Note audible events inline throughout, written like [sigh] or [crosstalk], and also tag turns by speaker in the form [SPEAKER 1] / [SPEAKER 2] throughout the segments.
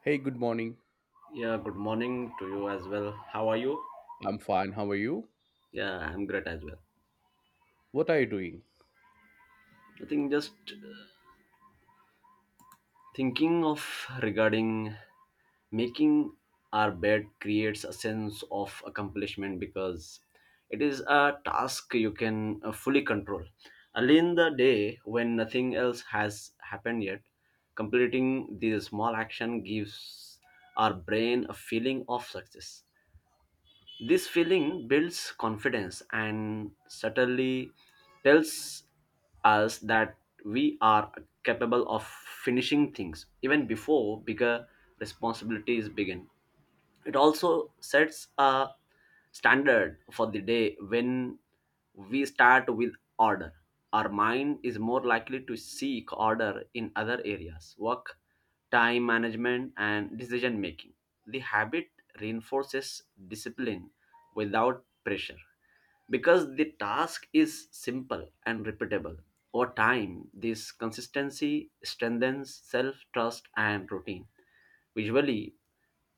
[SPEAKER 1] Hey, good morning.
[SPEAKER 2] Yeah, good morning to you as well. How are you?
[SPEAKER 1] I'm fine. How are you?
[SPEAKER 2] Yeah, I'm great as well.
[SPEAKER 1] What are you doing?
[SPEAKER 2] I think just thinking of regarding making our bed creates a sense of accomplishment because it is a task you can fully control. Early in the day, when nothing else has happened yet, completing this small action gives our brain a feeling of success. This feeling builds confidence and subtly tells us that we are capable of finishing things even before bigger responsibilities begin. It also sets a standard for the day when we start with order. Our mind is more likely to seek order in other areas, work, time management, and decision making. The habit reinforces discipline without pressure because the task is simple and repeatable. Over time, this consistency strengthens self trust and routine. Visually,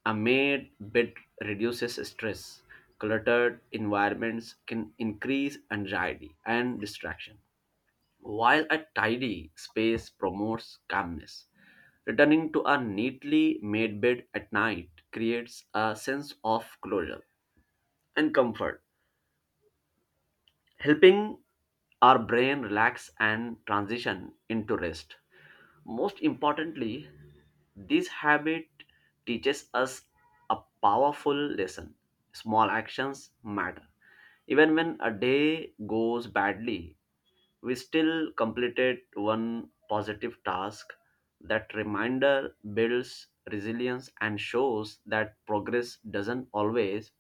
[SPEAKER 2] a made bed reduces stress. Cluttered environments can increase anxiety and distraction, while a tidy space promotes calmness. Returning to a neatly made bed at night creates a sense of closure and comfort, helping our brain relax and transition into rest. Most importantly, this habit teaches us a powerful lesson: small actions matter. Even when a day goes badly, we still completed one positive task. That reminder builds resilience and shows that progress doesn't always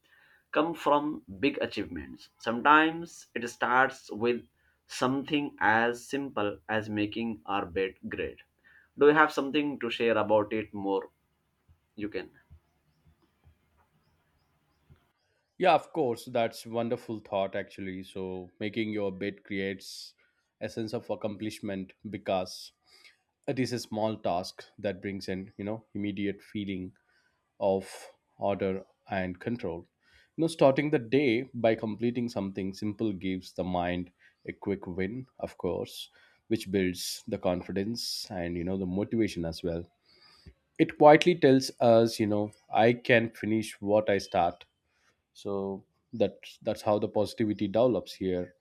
[SPEAKER 2] come from big achievements. Sometimes it starts with something as simple as making our bed great. Do you have something to share about it more? You can.
[SPEAKER 1] Yeah, of course. That's wonderful thought actually. So, making your bed creates a sense of accomplishment because it is a small task that brings an, you know, immediate feeling of order and control. You know, starting the day by completing something simple gives the mind a quick win, of course, which builds the confidence and, the motivation as well. It quietly tells us, I can finish what I start. so that that's how the positivity develops here.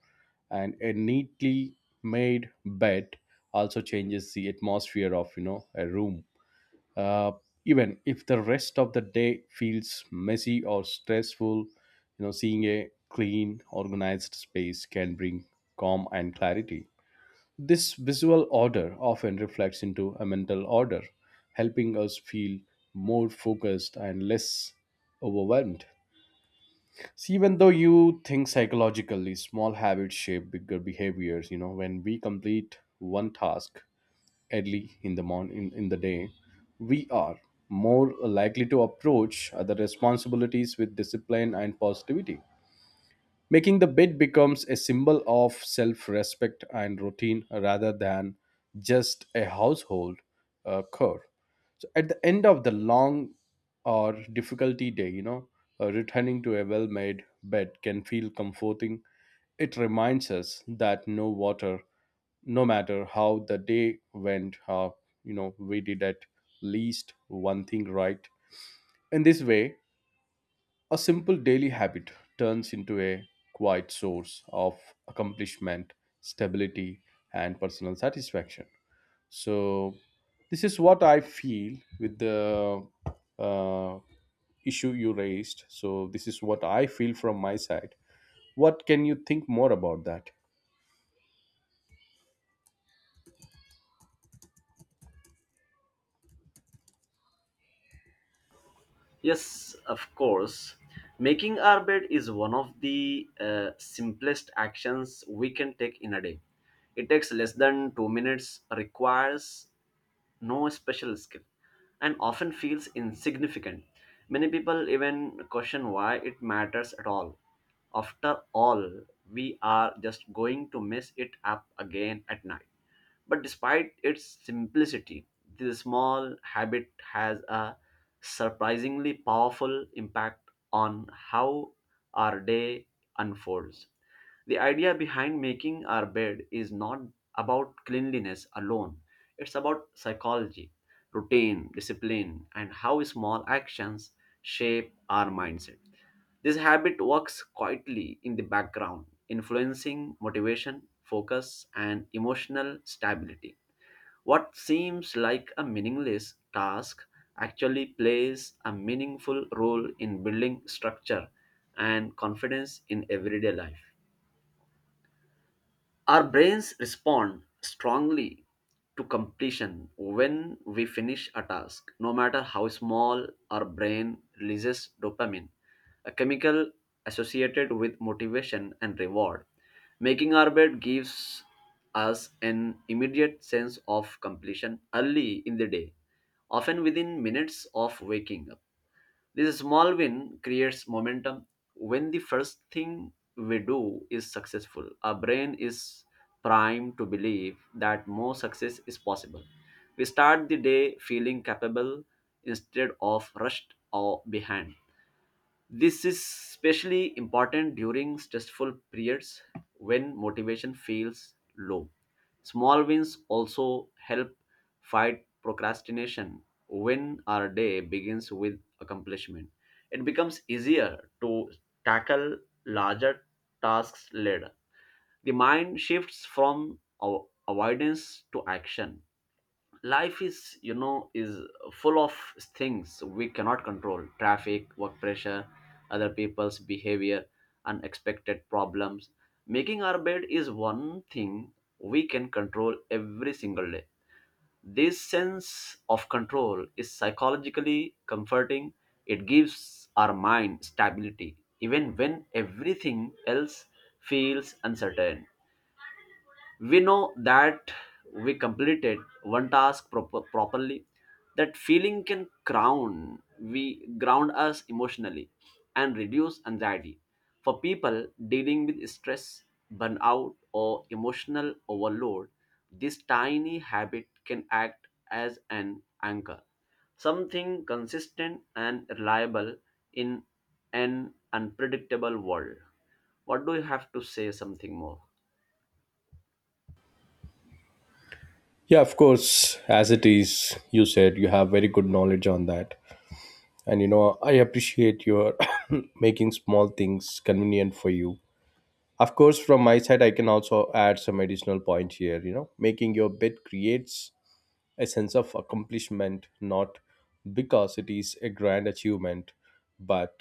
[SPEAKER 1] And a neatly made bed also changes the atmosphere of, a room. uh, Even if the rest of the day feels messy or stressful, you know, seeing a clean organized space can bring calm and clarity. This visual order often reflects into a mental order, helping us feel more focused and less overwhelmed. See, even though you think psychologically, small habits shape bigger behaviors. You know, when we complete one task early in the morning in the day, we are more likely to approach other responsibilities with discipline and positivity. Making the bed becomes a symbol of self respect and routine rather than just a household chore. So, at the end of the long or difficulty day, you know, returning to a well made bed can feel comforting. It reminds us that no water, no matter how the day went, you know, we did at least one thing right. In this way, a simple daily habit turns into a quiet source of accomplishment, stability, and personal satisfaction. So, this is what I feel with the uh, issue you raised. So, this is what I feel from my side. What can you think more about that?
[SPEAKER 2] Yes, of course. Making our bed is one of the simplest actions we can take in a day. It takes less than 2 minutes, requires no special skill and often feels insignificant. Many people even question why it matters at all. After all, we are just going to mess it up again at night. But despite its simplicity, this small habit has a surprisingly powerful impact on how our day unfolds. The idea behind making our bed is not about cleanliness alone, it's about psychology, routine, discipline, and how small actions shape our mindset. This habit works quietly in the background, influencing motivation, focus, and emotional stability. What seems like a meaningless task actually plays a meaningful role in building structure and confidence in everyday life. Our brains respond strongly to completion. When we finish a task, no matter how small, our brain releases dopamine, a chemical associated with motivation and reward. Making our bed gives us an immediate sense of completion early in the day, often within minutes of waking up. This small win creates momentum. When the first thing we do is successful, our brain is primed to believe that more success is possible. We start the day feeling capable instead of rushed or behind. This is especially important during stressful periods when motivation feels low. Small wins also help fight procrastination. When our day begins with accomplishment, it becomes easier to tackle larger tasks later. The mind shifts from avoidance to action. Life is, you know, is full of things we cannot control: traffic, work pressure, other people's behavior, unexpected problems. Making our bed is one thing we can control every single day. This sense of control is psychologically comforting. It gives our mind stability even when everything else feels uncertain. We know that we completed one task properly. That feeling can crown, we ground us emotionally and reduce anxiety. For people dealing with stress, burnout or emotional overload, this tiny habit can act as an anchor, something consistent and reliable in an unpredictable world. What do you have to say something more?
[SPEAKER 1] Yeah, of course, as it is, you said you have very good knowledge on that. And you know, I appreciate your [coughs] making small things convenient for you. Of course, from my side, I can also add some additional point here. You know, making your bed creates a sense of accomplishment, not because it is a grand achievement, but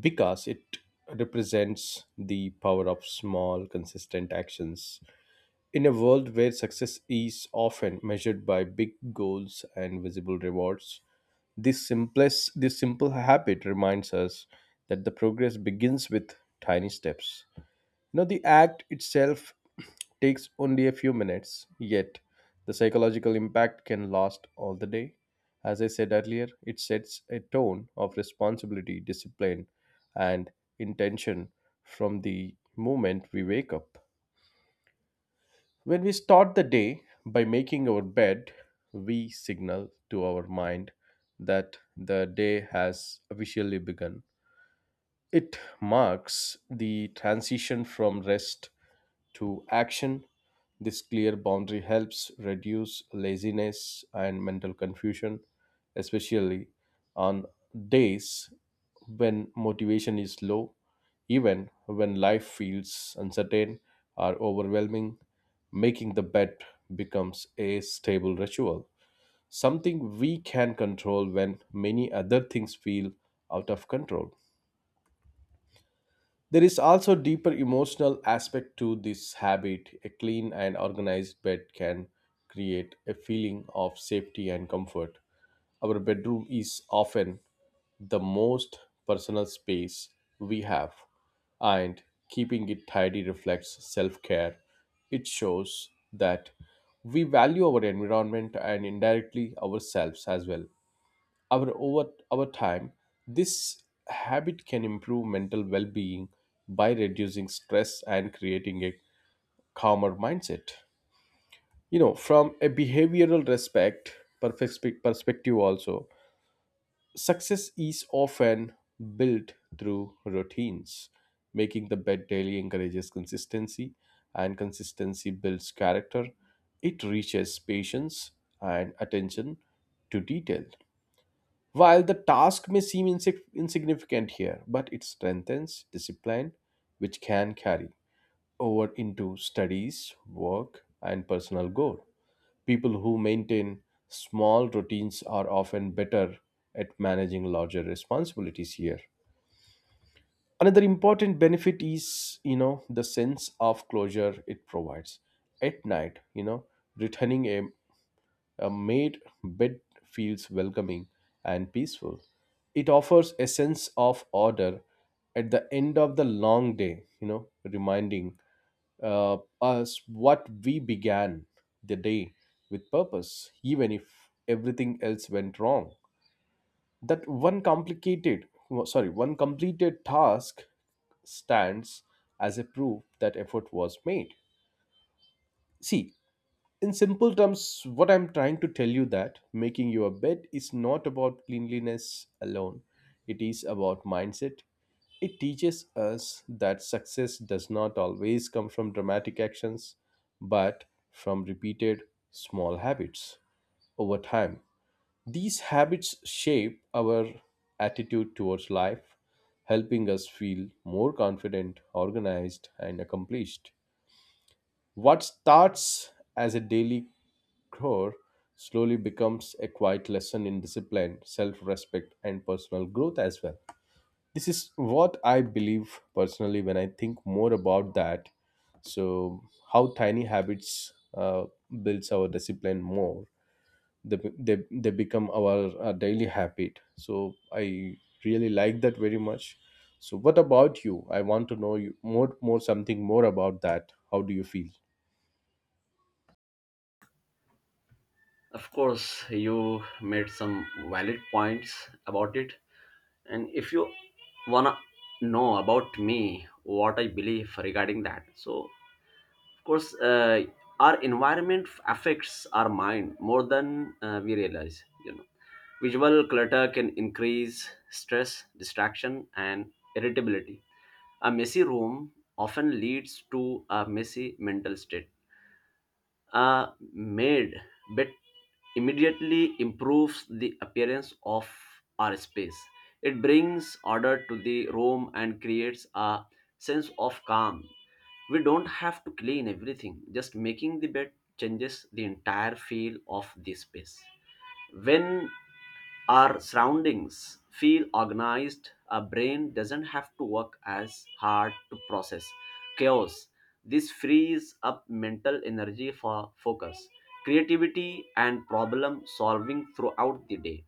[SPEAKER 1] because it represents the power of small, consistent actions. In a world where success is often measured by big goals and visible rewards, this simple habit reminds us that the progress begins with tiny steps. Now, the act itself [clears throat] takes only a few minutes, yet the psychological impact can last all the day. As I said earlier, it sets a tone of responsibility, discipline, and intention from the moment we wake up. When we start the day by making our bed, we signal to our mind that the day has officially begun. It marks the transition from rest to action. This clear boundary helps reduce laziness and mental confusion, especially on days when motivation is low, even when life feels uncertain or overwhelming. Making the bed becomes a stable ritual, something we can control when many other things feel out of control. There is also deeper emotional aspect to this habit. A clean and organized bed can create a feeling of safety and comfort. Our bedroom is often the most personal space we have, and keeping it tidy reflects self care. It shows that we value our environment and indirectly ourselves as well. Our over over time, this habit can improve mental well-being by reducing stress and creating a calmer mindset. You know, from a behavioral respect perfect perspective also, success is often built through routines. Making the bed daily encourages consistency, and consistency builds character. It reaches patience and attention to detail. While the task may seem insignificant here, but it strengthens discipline, which can carry over into studies, work, and personal goal. People who maintain small routines are often better at managing larger responsibilities here. Another important benefit is, you know, the sense of closure it provides. At night, you know, returning a, a made bed feels welcoming and peaceful. It offers a sense of order at the end of the long day, you know, reminding us what we began the day with purpose, even if everything else went wrong. That one complicated, well, sorry, one completed task stands as a proof that effort was made. See, in simple terms what I'm trying to tell you that making your bed is not about cleanliness alone. It is about mindset. It teaches us that success does not always come from dramatic actions, but from repeated small habits. Over time, these habits shape our attitude towards life, helping us feel more confident, organized and accomplished. What starts as a daily chore slowly becomes a quiet lesson in discipline, self respect, and personal growth as well. This is what I believe personally when I think more about that. So, how tiny habits builds our discipline more. They become our daily habit. So, I really like that very much. So, what about you? I want to know you more something more about that. How do you feel?
[SPEAKER 2] Of course, you made some valid points about it. And if you wanna know about me, what I believe regarding that, so of course, our environment affects our mind more than we realize. You know, visual clutter can increase stress, distraction, and irritability. A messy room often leads to a messy mental state are made but immediately improves the appearance of our space. It brings order to the room and creates a sense of calm. We don't have to clean everything, just making the bed changes the entire feel of the space. When our surroundings feel organized, our brain doesn't have to work as hard to process chaos. This frees up mental energy for focus, creativity, and problem solving throughout the day.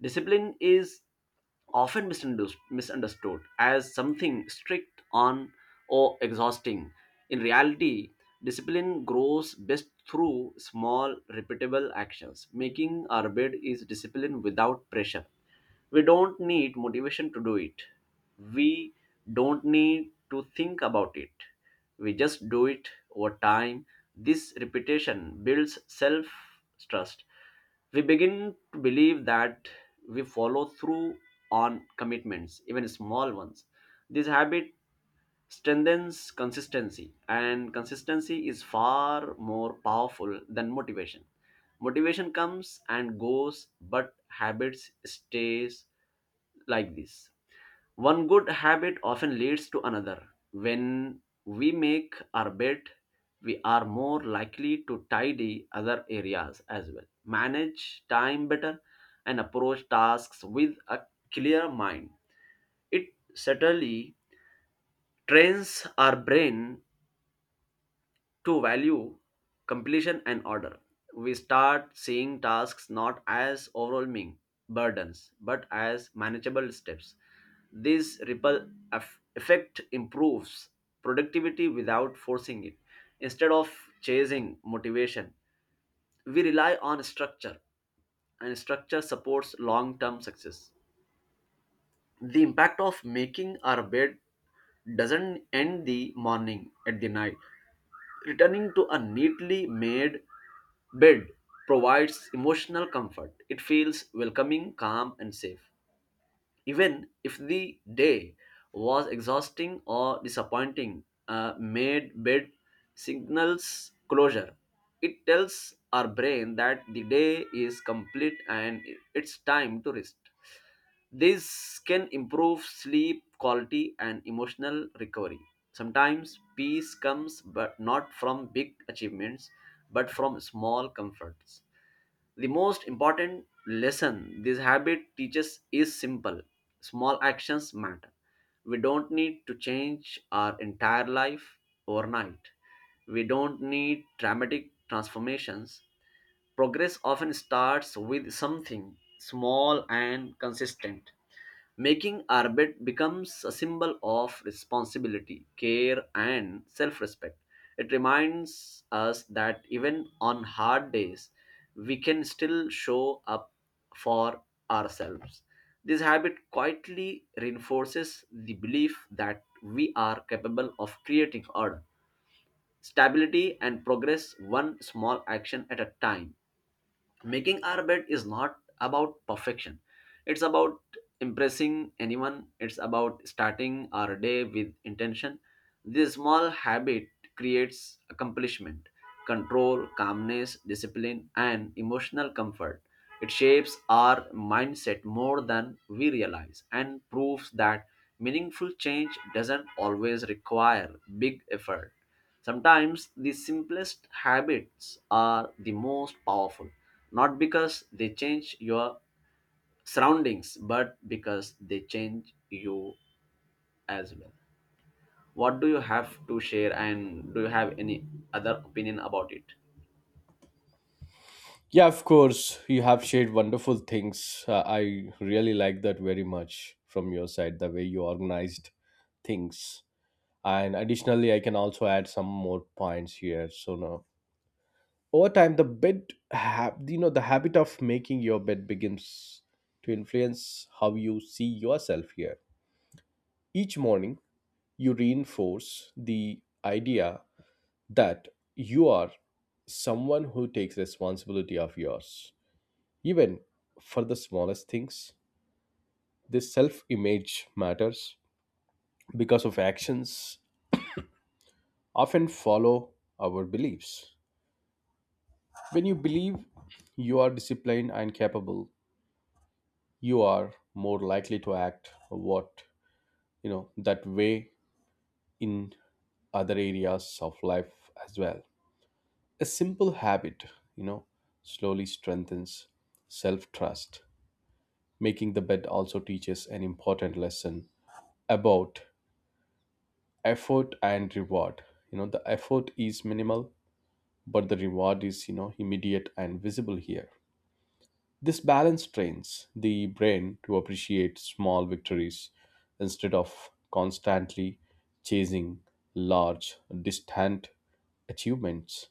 [SPEAKER 2] Discipline is often misunderstood as something strict on or exhausting. In reality, discipline grows best through small, repeatable actions. Making our bed is discipline without pressure. We don't need motivation to do it. We don't need to think about it. We just do it over time. This repetition builds self trust. We begin to believe that we follow through on commitments, even small ones. This habit strengthens consistency, and consistency is far more powerful than motivation. Motivation comes and goes but habits stays. Like this, one good habit often leads to another. When we make our bed, we are more likely to tidy other areas as well, manage time better and approach tasks with a clear mind. It certainly trains our brain to value completion and order. We start seeing tasks not as overwhelming burdens but as manageable steps. This ripple effect improves productivity without forcing it. Instead of chasing motivation, we rely on structure, and structure supports long term success. The impact of making our bed doesn't end the morning at the night. Returning to a neatly made bed provides emotional comfort. It feels welcoming, calm, and safe. Even if the day was exhausting or disappointing, a made bed signals closure. It tells our brain that the day is complete and it's time to rest. This can improve sleep quality and emotional recovery. Sometimes peace comes but not from big achievements but from small comforts. The most important lesson this habit teaches is simple. Small actions matter. We don't need to change our entire life overnight. We don't need dramatic transformations. Progress often starts with something small and consistent. Making our bed becomes a symbol of responsibility, care, and self respect. It reminds us that even on hard days, we can still show up for ourselves. This habit quietly reinforces the belief that we are capable of creating order, stability, and progress one small action at a time. Making our bed is not about perfection, it's about impressing anyone, it's about starting our day with intention. This small habit creates accomplishment, control, calmness, discipline and emotional comfort. It shapes our mindset more than we realize and proves that meaningful change doesn't always require big effort. Sometimes the simplest habits are the most powerful, not because they change your surroundings but because they change you as well. What do you have to share, and do you have any other opinion about it?
[SPEAKER 1] Yeah, of course, you have shared wonderful things. I really like that very much from your side, the way you organized things. And additionally, I can also add some more points here. So now, over time, you know, the habit of making your bed begins to influence how you see yourself here. Each morning, you reinforce the idea that you are someone who takes responsibility of yours. Even for the smallest things, this self image matters because of actions often follow our beliefs. When you believe you are disciplined and capable, you are more likely to act what you know that way in other areas of life as well. A simple habit, you know, slowly strengthens self trust. Making the bed also teaches an important lesson about effort and reward. You know, the effort is minimal, but the reward is, you know, immediate and visible here. This balance trains the brain to appreciate small victories instead of constantly chasing large distant achievements.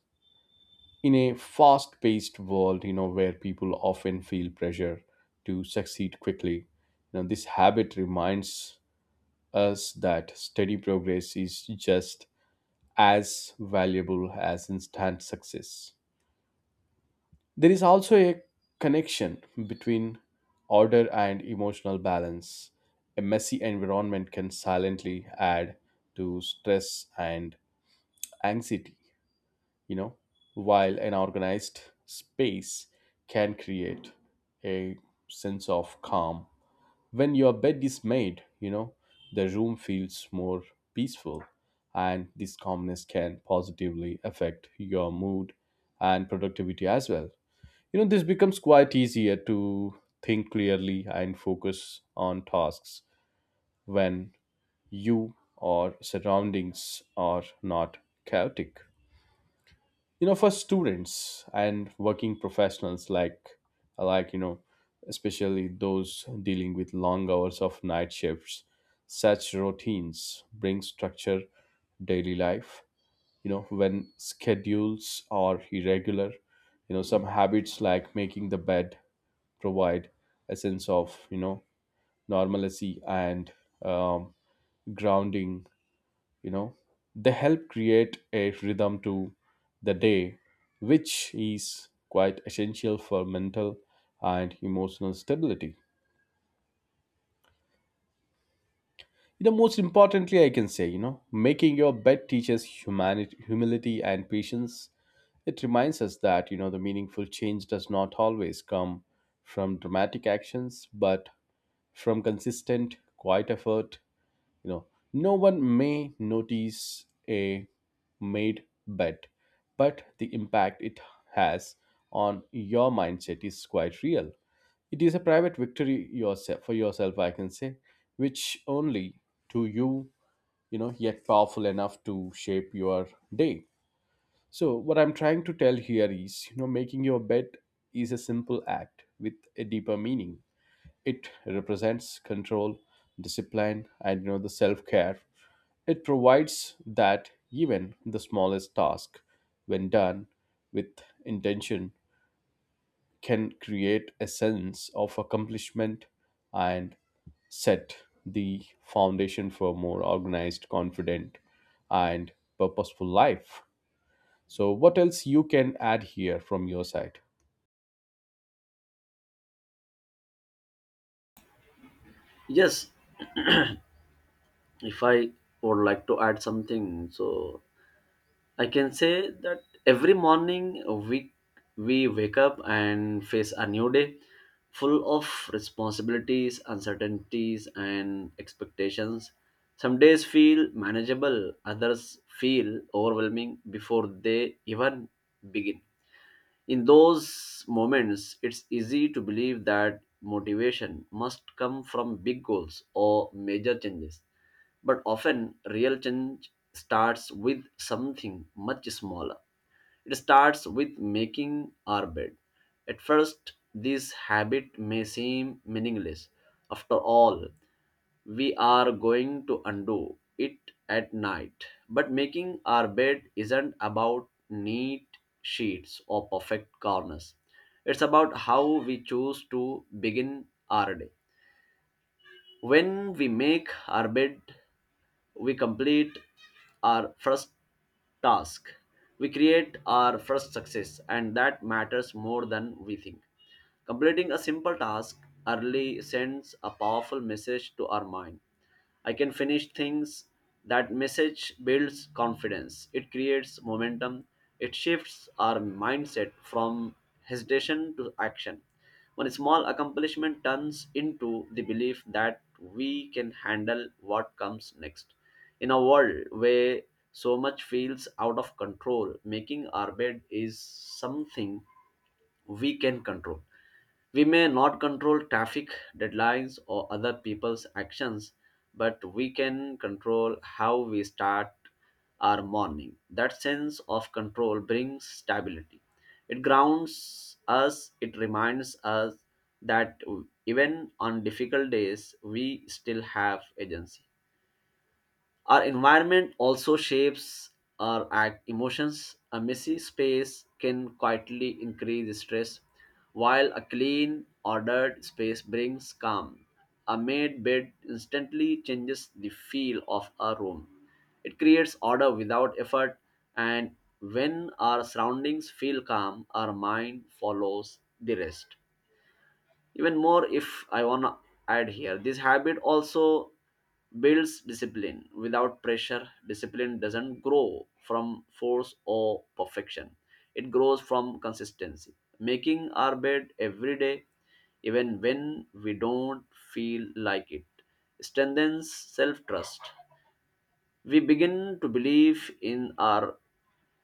[SPEAKER 1] In a fast paced world, you know, where people often feel pressure to succeed quickly, you know, this habit reminds us that steady progress is just as valuable as instant success. There is also a connection between order and emotional balance. A messy environment can silently add to stress and anxiety, you know, while an organized space can create a sense of calm. When your bed is made, you know, the room feels more peaceful, and this calmness can positively affect your mood and productivity as well. You know, this becomes quite easier to think clearly and focus on tasks when you or surroundings are not chaotic. You know, for students and working professionals you know, especially those dealing with long hours of night shifts, such routines bring structure daily life. You know, when schedules are irregular, you know, some habits like making the bed provide a sense of, you know, normalcy and um, grounding. You know, they help create a rhythm to the day, which is quite essential for mental and emotional stability. You know, most importantly, I can say, you know, making your bed teaches humanity humility and patience. It reminds us that, you know, the meaningful change does not always come from dramatic actions, but from consistent quiet effort. You know, no one may notice a made bet, but the impact it has on your mindset is quite real. It is a private victory yourself for yourself, I can say, which only to you, you know, yet powerful enough to shape your day. So, what I'm trying to tell here is, you know, making your bed is a simple act with a deeper meaning. It represents control, discipline, and, you know, the self-care. It provides that even the smallest task, when done with intention, can create a sense of accomplishment and set the foundation for a more organized, confident, and purposeful life. So, what else you can add here from your side?
[SPEAKER 2] Yes, if I would like to add something, so I can say that every morning we we wake up and face a new day full of responsibilities, uncertainties and expectations. Some days feel manageable, others feel overwhelming before they even begin. In those moments, it's easy to believe that motivation must come from big goals or major changes. But often, real change starts with something much smaller. It starts with making our bed. At first, this habit may seem meaningless. After all, we are going to undo it at night. But making our bed isn't about neat sheets or perfect corners. It's about how we choose to begin our day. When we make our bed, we complete our first task. We create our first success, and that matters more than we think. Completing a simple task early sends a powerful message to our mind: I can finish things. That message builds confidence. It creates momentum. It shifts our mindset from hesitation to action. One small accomplishment turns into the belief that we can handle what comes next. In a world where so much feels out of control, making our bed is something we can control. We may not control traffic, deadlines or other people's actions, but we can control how we start our morning. That sense of control brings stability. It grounds us, it reminds us that even on difficult days, we still have agency. Our environment also shapes our act emotions. A messy space can quietly increase stress, while a clean, ordered space brings calm. A made bed instantly changes the feel of a room. It creates order without effort, and when our surroundings feel calm, our mind follows the rest. Even more, if I want to add here, this habit also builds discipline without pressure. Discipline doesn't grow from force or perfection, it grows from consistency. Making our bed every day, even when we don't feel like it, strengthens self trust. We begin to believe in our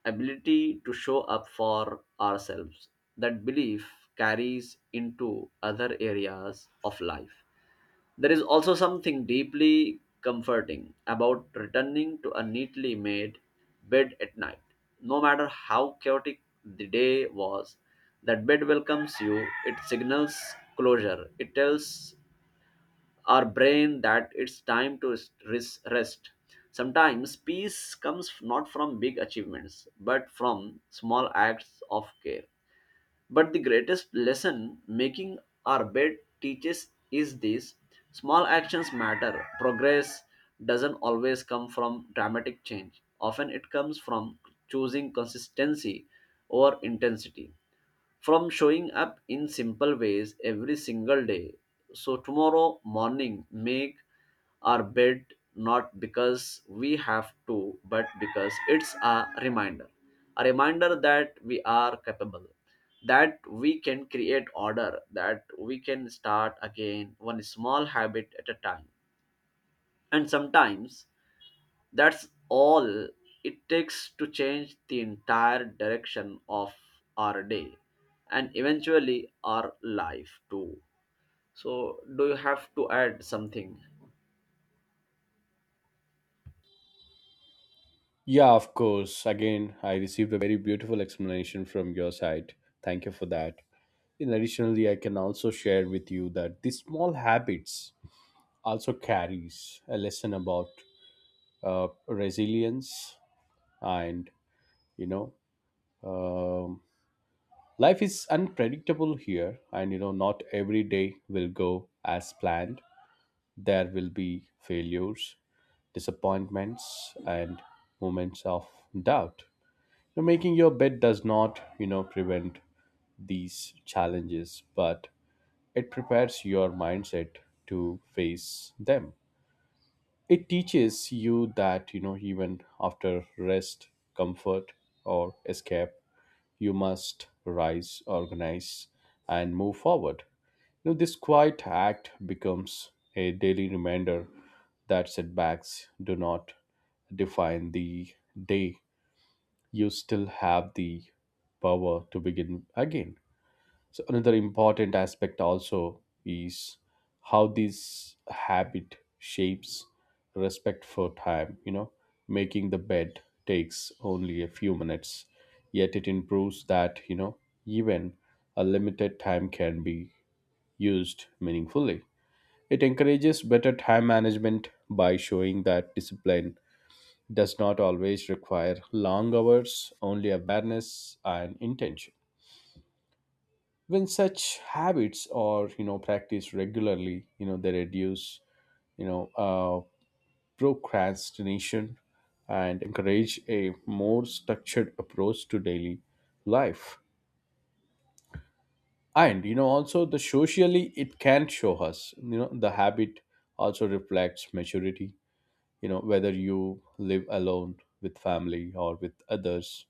[SPEAKER 2] ability to show up for ourselves. That belief carries into other areas of life. There is also something deeply comforting about returning to a neatly made bed at night. No matter how chaotic the day was, that bed welcomes you, it signals closure, it tells our brain that it's time to rest. Sometimes peace comes not from big achievements, but from small acts of care. But the greatest lesson making our bed teaches is this: small actions matter. Progress doesn't always come from dramatic change, often, it comes from choosing consistency over intensity, from showing up in simple ways every single day. So, tomorrow morning, make our bed not because we have to, but because it's a reminder. A reminder that we are capable, that we can create order, that we can start again one small habit at a time. And sometimes that's all it takes to change the entire direction of our day and eventually our life too. So, do you have to add something?
[SPEAKER 1] Yeah, of course. Again, I received a very beautiful explanation from your side. Thank you for that. In additionally, I can also share with you that these small habits also carries a lesson about resilience and, you know um, life is unpredictable here. And you know, not every day will go as planned. There will be failures, disappointments, and moments of doubt. So making your bed does not, you know, prevent these challenges, but it prepares your mindset to face them. It teaches you that, you know, even after rest, comfort, or escape, you must rise, organize, and move forward. You know, this quiet act becomes a daily reminder that setbacks do not define the day. You still have the power to begin again. So another important aspect also is how this habit shapes respect for time. You know, making the bed takes only a few minutes, yet it improves that, you know, even a limited time can be used meaningfully. It encourages better time management by showing that discipline does not always require long hours, only awareness and intention. When such habits are, you know, practiced regularly, you know, they reduce, you know uh, procrastination, and encourage a more structured approach to daily life. And you know, also the socially it can show us, you know, the habit also reflects maturity. You know, whether you live alone with family or with others,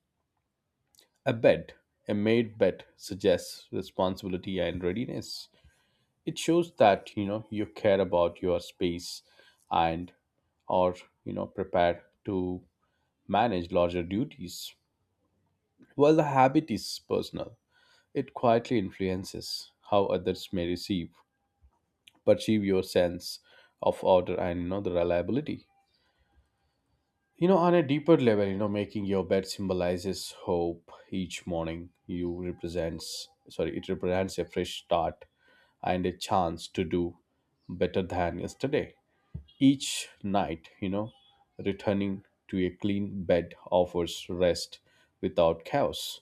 [SPEAKER 1] A bed, a made bed, suggests responsibility and readiness. It shows that, you know, you care about your space and are, you know, prepared to manage larger duties. While the habit is personal, it quietly influences how others may perceive your sense of order and, you know, the reliability. You know, on a deeper level, you know, making your bed symbolizes hope. Each morning, it represents a fresh start and a chance to do better than yesterday. Each night, you know, returning to a clean bed offers rest without chaos.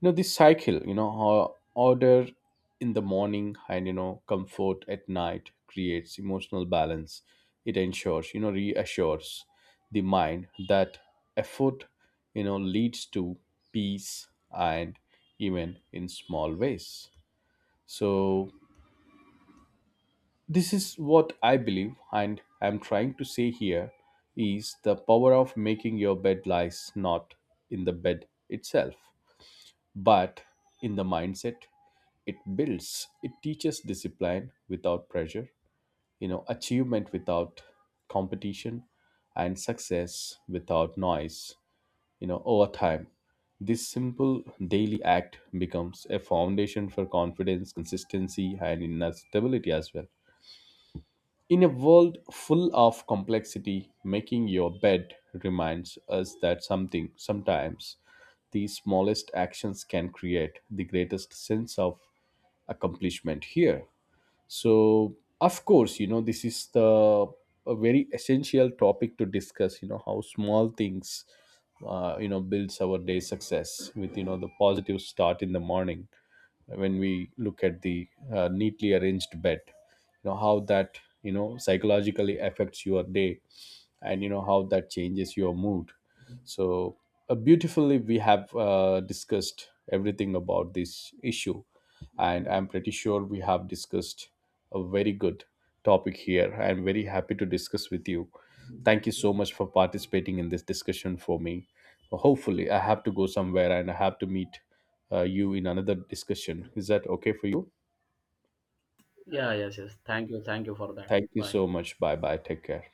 [SPEAKER 1] You know, this cycle, order in the morning and, you know, comfort at night creates emotional balance. It ensures you know, reassures the mind that effort, you know, leads to peace and, even in small ways. So, this is what I believe and I'm trying to say here is the power of making your bed lies not in the bed itself, but in the mindset, it builds. It teaches discipline without pressure, you know, achievement without competition, and success without noise, you know, over time. This simple daily act becomes a foundation for confidence, consistency, and inner stability as well. In a world full of complexity, making your bed reminds us that sometimes, the smallest actions can create the greatest sense of accomplishment here. So, of course, you know, this is the a very essential topic to discuss, you know, how small things, you know, builds our day success with, you know, the positive start in the morning, when we look at the neatly arranged bed. You know, how that, you know, psychologically affects your day, and, you know, how that changes your mood. So, beautifully we have discussed everything about this issue, and I'm pretty sure we have discussed a very good topic here. I'm very happy to discuss with you. Thank you so much for participating in this discussion for me. Hopefully, I have to go somewhere and I have to meet you in another discussion. Is that okay for you? Thank you so much. Bye bye. Take care.